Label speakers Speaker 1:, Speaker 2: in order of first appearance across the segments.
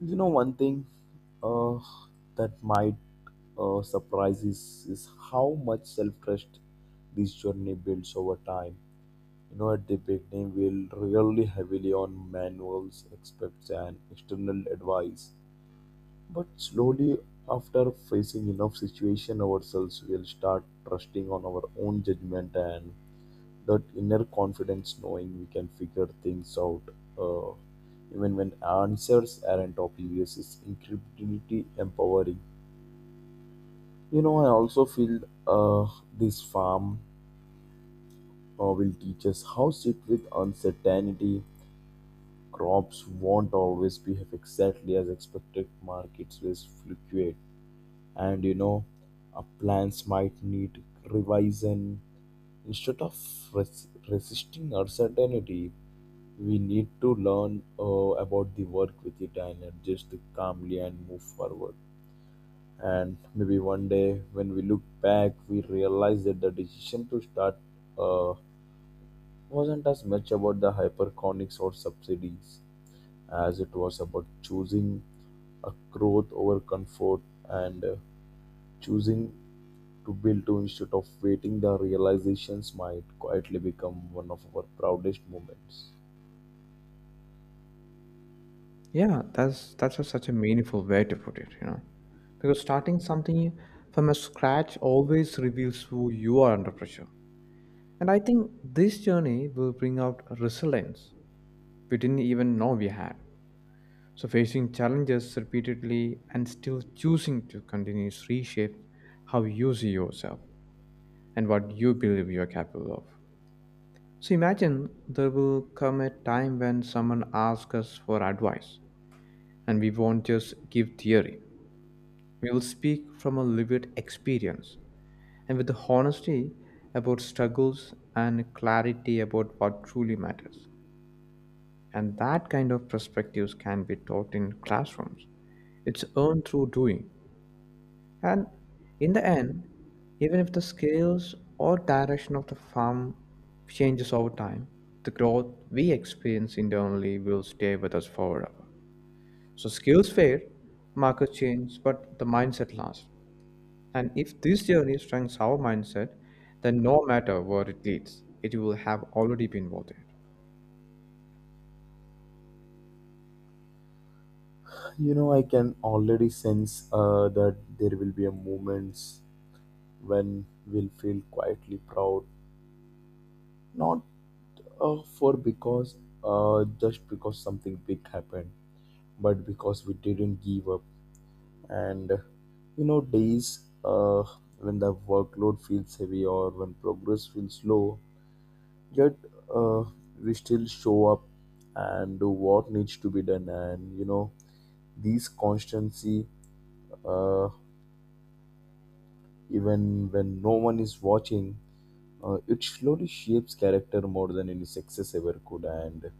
Speaker 1: You know, one thing uh, that might surprise is how much self trust this journey builds over time. You know, at the beginning, we'll really heavily on manuals, experts, and external advice. But slowly, after facing enough situation ourselves, we'll start trusting on our own judgment and that inner confidence knowing we can figure things out uh, even when answers aren't obvious is incredibly empowering. You know, I also feel uh, this farm will teach us how sit with uncertainty. Crops won't always behave exactly as expected, markets will fluctuate, and you know, plans might need revision. Instead of resisting uncertainty, we need to learn about the work with it and adjust it calmly and move forward. And maybe one day when we look back, we realize that the decision to start uh, wasn't as much about the hyperconics or subsidies as it was about choosing a growth over comfort, and choosing to build to instead of waiting, the realizations might quietly become one of our proudest moments.
Speaker 2: Yeah, that's such a meaningful way to put it, you know. Because starting something from a scratch always reveals who you are under pressure. And I think this journey will bring out resilience we didn't even know we had. So facing challenges repeatedly and still choosing to continue reshape how you see yourself and what you believe you are capable of. So imagine there will come a time when someone asks us for advice, and we won't just give theory. We will speak from a lived experience and with the honesty about struggles and clarity about what truly matters. And that kind of perspectives can be taught in classrooms. It's earned through doing. And in the end, even if the scales or direction of the farm changes over time, the growth we experience internally will stay with us forever. So skills fade, markers change, but the mindset lasts. And if this journey strengthens our mindset, then no matter where it leads, it will have already been worth it.
Speaker 1: You know, I can already sense that there will be a moments when we'll feel quietly proud, not for because just because something big happened, but because we didn't give up. And you know, days uh, when the workload feels heavy or when progress feels slow, yet uh, we still show up and do what needs to be done. And you know, these constancy, uh, even when no one is watching, it slowly shapes character more than any success ever could. And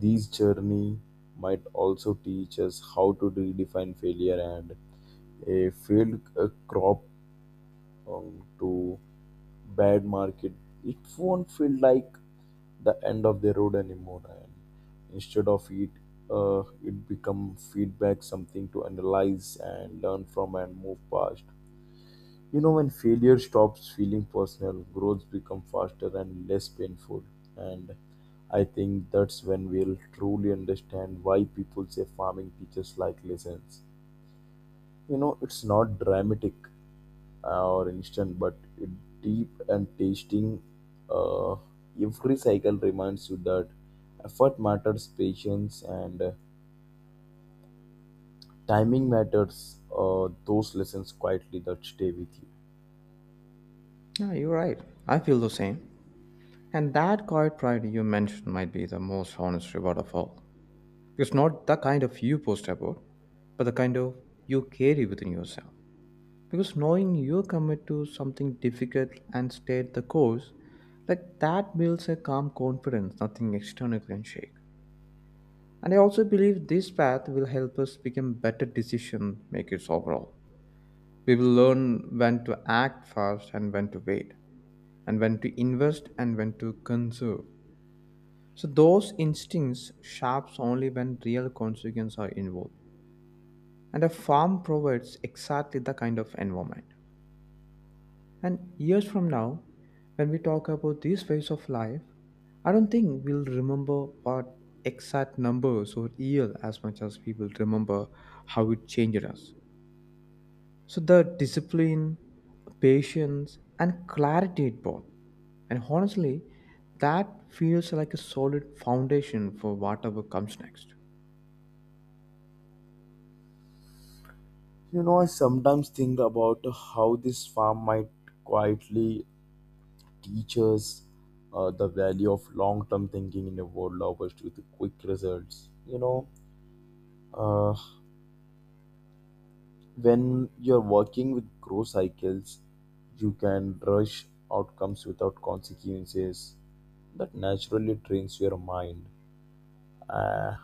Speaker 1: these journey might also teach us how to redefine failure, and a failed crop to bad market, it won't feel like the end of the road anymore. And instead of it, it become feedback, something to analyze and learn from and move past. You know, when failure stops feeling personal, growth become faster and less painful. And I think that's when we'll truly understand why people say farming teaches like lessons. You know, it's not dramatic or instant, but it deep and tasting. Uh, every cycle reminds you that effort matters, patience and timing matters. Those lessons quietly that stay with you.
Speaker 2: Yeah, you're right. I feel the same. And that quiet pride you mentioned might be the most honest reward of all. Because not the kind of you post about, but the kind of you carry within yourself. Because knowing you commit to something difficult and stay the course, like that builds a calm confidence nothing external can shake. And I also believe this path will help us become better decision makers overall. We will learn when to act fast and when to wait, and when to invest and when to conserve. So those instincts sharps only when real consequences are involved. And a farm provides exactly the kind of environment. And years from now, when we talk about this phase of life, I don't think we'll remember what exact numbers or year as much as we will remember how it changed us. So the discipline, patience, and clarity it brought. And honestly, that feels like a solid foundation for whatever comes next.
Speaker 1: You know, I sometimes think about how this farm might quietly teach us the value of long-term thinking in a world obsessed with quick results. You know, uh, when you're working with growth cycles, you can rush outcomes without consequences. That naturally trains your mind. Uh,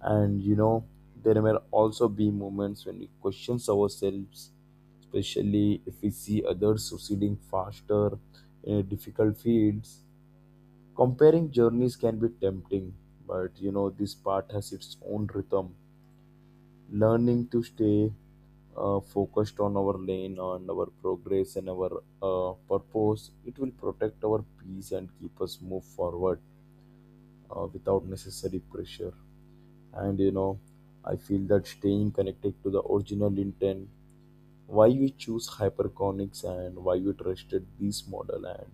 Speaker 1: and you know, there may also be moments when we question ourselves, especially if we see others succeeding faster in difficult fields. Comparing journeys can be tempting, but you know, this part has its own rhythm, learning to stay focused on our lane, on our progress, and our purpose, it will protect our peace and keep us move forward without necessary pressure. And you know, I feel that staying connected to the original intent, why we choose hyperconics and why we trusted this model and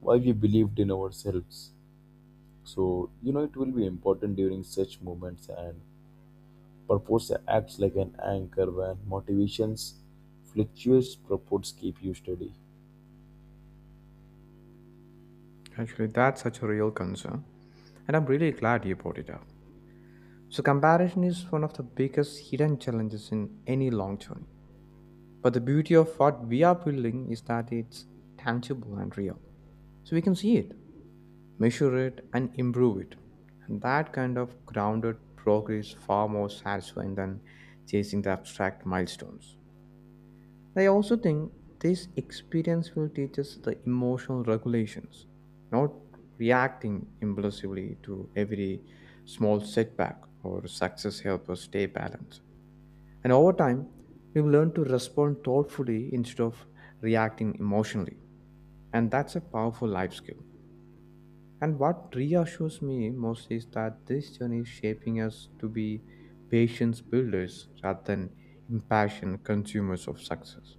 Speaker 1: why we believed in ourselves. So you know, it will be important during such moments. And purpose acts like an anchor when motivations fluctuates, purpose keep you steady.
Speaker 2: Actually, that's such a real concern, and I'm really glad you brought it up. So, comparison is one of the biggest hidden challenges in any long journey. But the beauty of what we are building is that it's tangible and real. So we can see it, measure it, and improve it. And that kind of grounded progress is far more satisfying than chasing the abstract milestones. I also think this experience will teach us the emotional regulations, not reacting impulsively to every small setback or success help us stay balanced. And over time, we will learn to respond thoughtfully instead of reacting emotionally. And that's a powerful life skill. And what reassures me most is that this journey is shaping us to be patience builders rather than impassioned consumers of success.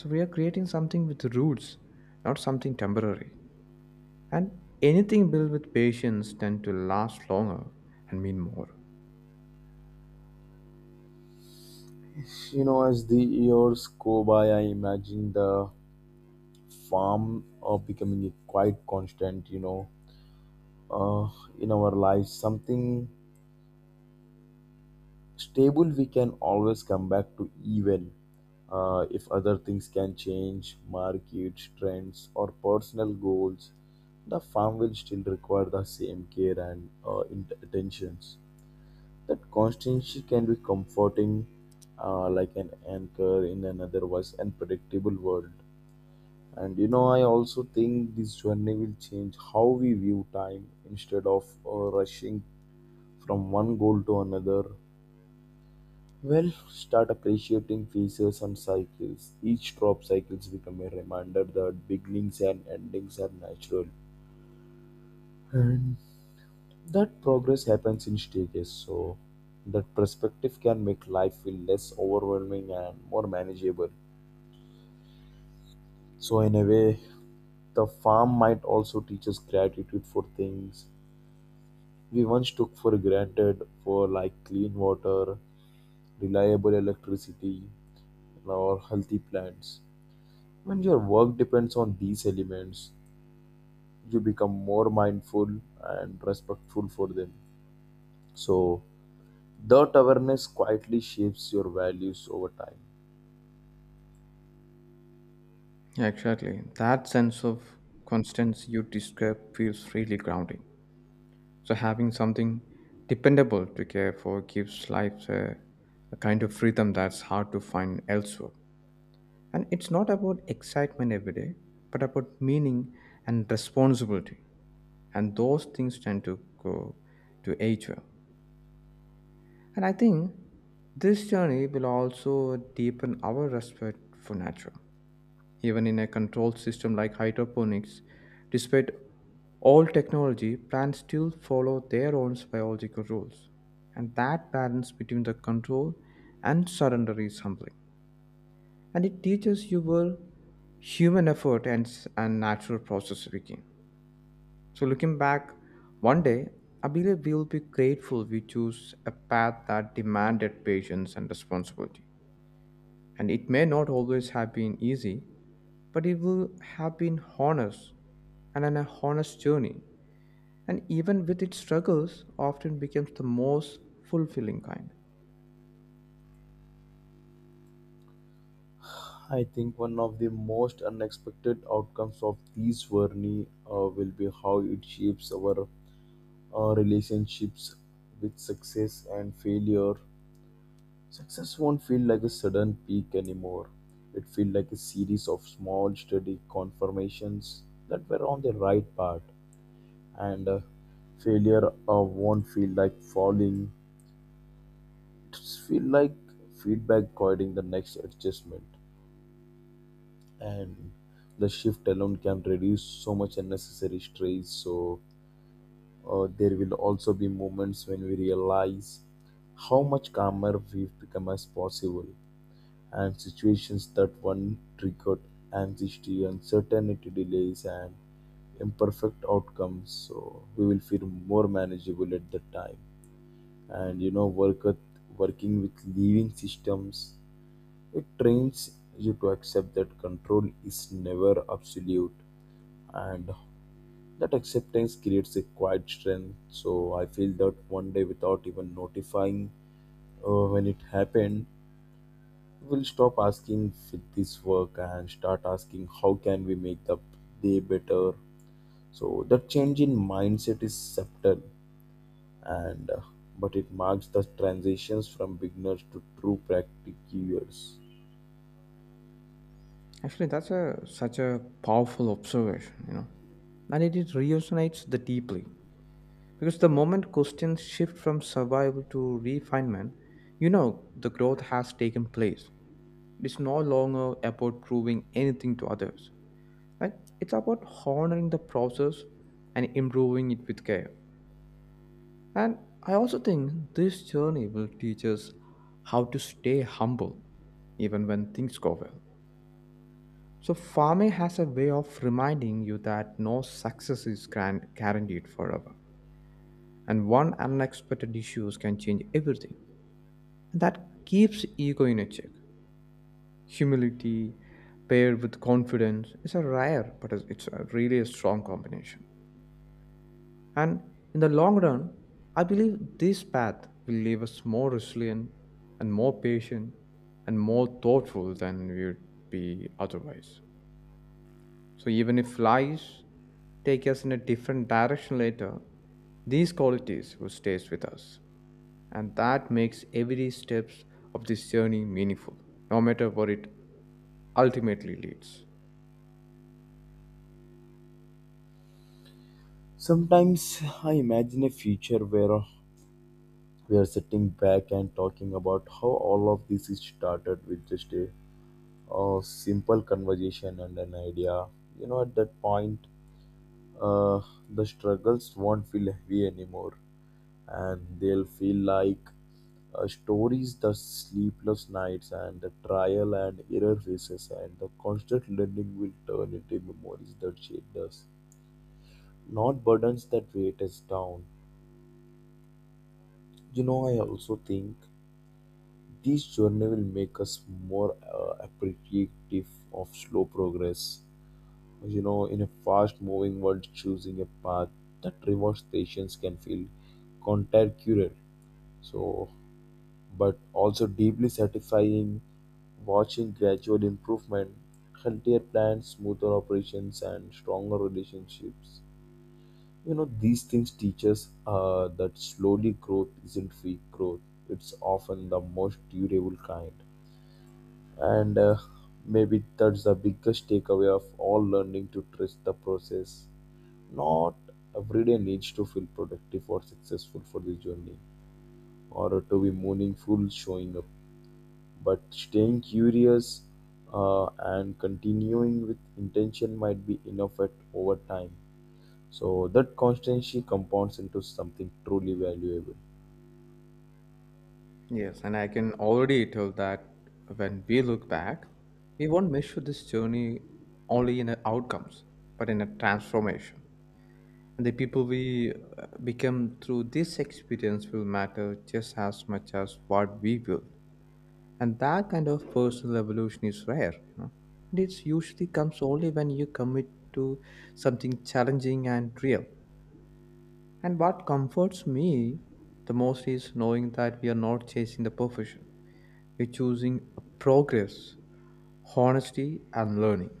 Speaker 2: So we are creating something with roots, not something temporary. And anything built with patience tend to last longer and mean more.
Speaker 1: You know, as the years go by, I imagine the farm becoming a quite constant, you know, uh, in our lives, something stable we can always come back to, even if other things can change, market trends or personal goals, the farm will still require the same care and attentions. That constancy can be comforting, like an anchor in an otherwise unpredictable world. And you know, I also think this journey will change how we view time, instead of rushing from one goal to another. Well, start appreciating phases and cycles. Each drop cycles become a reminder that beginnings and endings are natural. And that progress happens in stages, so that perspective can make life feel less overwhelming and more manageable. So, in a way, the farm might also teach us gratitude for things we once took for granted, for like clean water, reliable electricity, or healthy plants. When your work depends on these elements, you become more mindful and respectful for them. So, that awareness quietly shapes your values over time.
Speaker 2: Yeah, exactly. That sense of constancy you describe feels really grounding. So having something dependable to care for gives life a kind of freedom that's hard to find elsewhere. And it's not about excitement every day, but about meaning and responsibility. And those things tend to go to age well. And I think this journey will also deepen our respect for nature. Even in a controlled system like hydroponics, despite all technology, plants still follow their own biological rules. And that balance between the control and surrender is humbling. And it teaches you where human effort and natural process begin. So, looking back, one day, I believe we will be grateful we chose a path that demanded patience and responsibility. And it may not always have been easy, but it will have been honest and an honest journey, and even with its struggles often becomes the most fulfilling kind.
Speaker 1: I think one of the most unexpected outcomes of this journey will be how it shapes our relationships with success and failure. Success won't feel like a sudden peak anymore. It feels like a series of small, steady confirmations that were on the right path. And failure won't feel like falling. It feel like feedback guiding the next adjustment. And the shift alone can reduce so much unnecessary stress. So there will also be moments when we realize how much calmer we've become as possible, and situations that one triggered anxiety, uncertainty, delays, and imperfect outcomes, so we will feel more manageable at that time. And you know, working with living systems, it trains you to accept that control is never absolute, and that acceptance creates a quiet strength. So I feel that one day, without even notifying when it happened, we'll stop asking with this work and start asking how can we make the day better. So that change in mindset is subtle, and but it marks the transitions from beginners to true practitioners.
Speaker 2: Actually, that's a such a powerful observation, you know. And it resonates the deeply because the moment questions shift from survival to refinement, you know the growth has taken place. It's no longer about proving anything to others, like it's about honoring the process and improving it with care. And I also think this journey will teach us how to stay humble even when things go well. So, farming has a way of reminding you that no success is guaranteed forever. And one unexpected issues can change everything. And that keeps ego in a check. Humility paired with confidence is a rare, but it's a really a strong combination. And in the long run, I believe this path will leave us more resilient and more patient and more thoughtful than we would be otherwise. So even if lies take us in a different direction later, these qualities will stay with us. And that makes every steps of this journey meaningful, no matter where it ultimately leads.
Speaker 1: Sometimes I imagine a future where we are sitting back and talking about how all of this is started with just a, simple conversation and an idea. You know, at that point, uh, the struggles won't feel heavy anymore, and they'll feel like stories, the sleepless nights, and the trial and error phases, and the constant learning will turn into memories that shaped us, not burdens that weight us down. You know, I also think this journey will make us more appreciative of slow progress. You know, in a fast moving world, choosing a path that rewards patience can feel counterintuitive. So, but also deeply satisfying watching gradual improvement, healthier plants, smoother operations, and stronger relationships. You know, these things teach us that slowly growth isn't weak growth, it's often the most durable kind. And maybe that's the biggest takeaway of all, learning to trust the process. Not every day needs to feel productive or successful for the journey or to be meaningful, showing up but staying curious uh, and continuing with intention might be enough at over time. So that constancy compounds into something truly valuable.
Speaker 2: Yes, and I can already tell that when we look back, we won't measure this journey only in the outcomes, but in a transformation. And the people we become through this experience will matter just as much as what we build. And that kind of personal evolution is rare, you know. And it usually comes only when you commit to something challenging and real. And what comforts me the most is knowing that we are not chasing the perfection, you're choosing progress, honesty, and learning.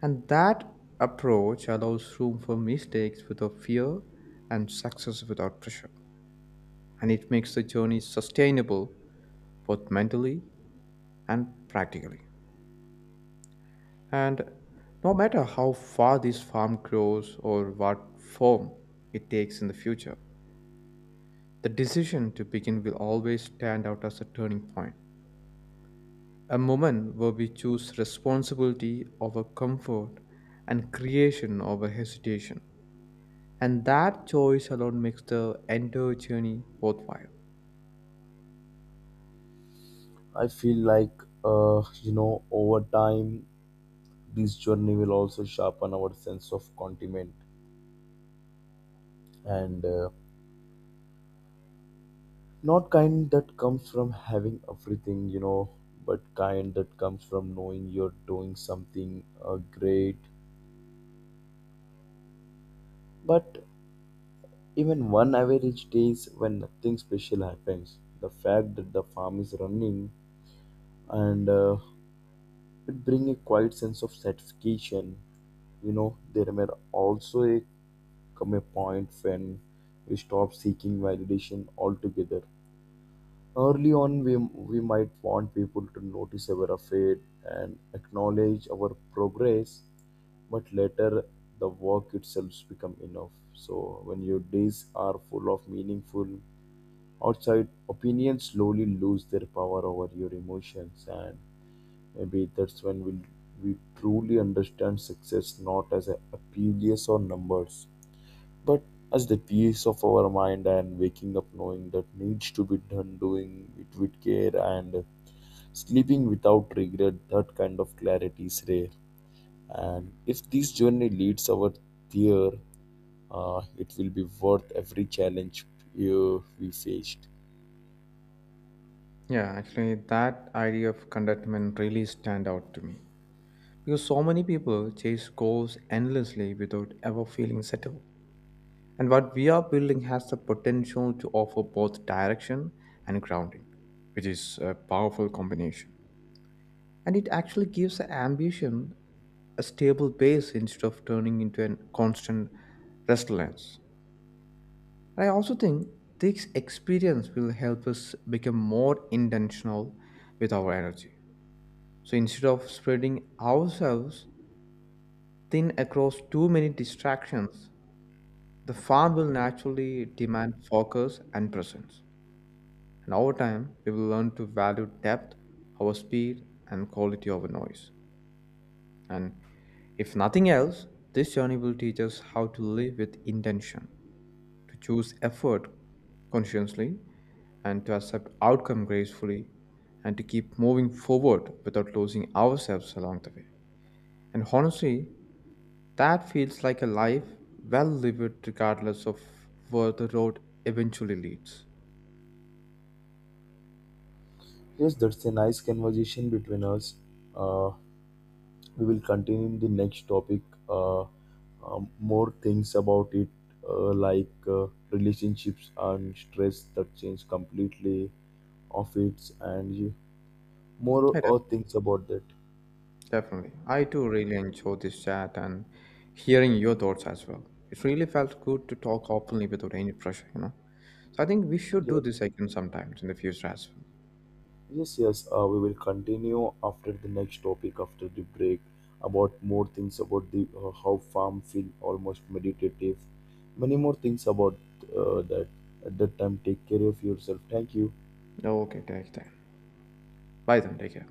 Speaker 2: And that approach allows room for mistakes without fear and success without pressure. And it makes the journey sustainable both mentally and practically. And no matter how far this farm grows or what form it takes in the future, the decision to begin will always stand out as a turning point. A moment where we choose responsibility over comfort and creation over hesitation. And that choice alone makes the entire journey worthwhile.
Speaker 1: I feel like you know, over time this journey will also sharpen our sense of contentment, and not kind that comes from having everything, you know, but kind that comes from knowing you're doing something great. But even one average days when nothing special happens, the fact that the farm is running, and it bring a quiet sense of satisfaction. You know, there may also a, come a point when we stop seeking validation altogether. Early on, we might want people to notice our effort and acknowledge our progress, but later the work itself become enough. So when your days are full of meaningful, outside opinions slowly lose their power over your emotions. And maybe that's when we truly understand success, not as a P L S or numbers, but as the peace of our mind, and waking up knowing that needs to be done, doing it with care, and sleeping without regret. That kind of clarity is rare, and if this journey leads our there, it will be worth every challenge we faced.
Speaker 2: Yeah, actually, that idea of contentment really stand out to me because so many people chase goals endlessly without ever feeling settled. And what we are building has the potential to offer both direction and grounding, which is a powerful combination. And it actually gives ambition a stable base instead of turning into a constant restlessness. And I also think this experience will help us become more intentional with our energy. So instead of spreading ourselves thin across too many distractions, the farm will naturally demand focus and presence. And over time, we will learn to value depth, our speed, and quality over noise. And if nothing else, this journey will teach us how to live with intention, to choose effort consciously and to accept outcome gracefully and to keep moving forward without losing ourselves along the way. And honestly, that feels like a life well lived regardless of where the road eventually leads.
Speaker 1: Yes, that's a nice conversation between us. Uh, We will continue in the next topic more things about it, like relationships and stress that change completely of it. And you- more
Speaker 2: Yeah, def-
Speaker 1: things about that.
Speaker 2: definitely. I too really enjoyed this chat and hearing your thoughts as well. It really felt good to talk openly without any pressure, you know. So I think we should do
Speaker 1: Yes.
Speaker 2: this again sometimes in the future as
Speaker 1: Yes, yes, we will continue after the next topic after the break, about more things about the how farm feel almost meditative, many more things about that. At that time, take care of yourself. Thank you.
Speaker 2: well. Okay, take care. Bye then, take care.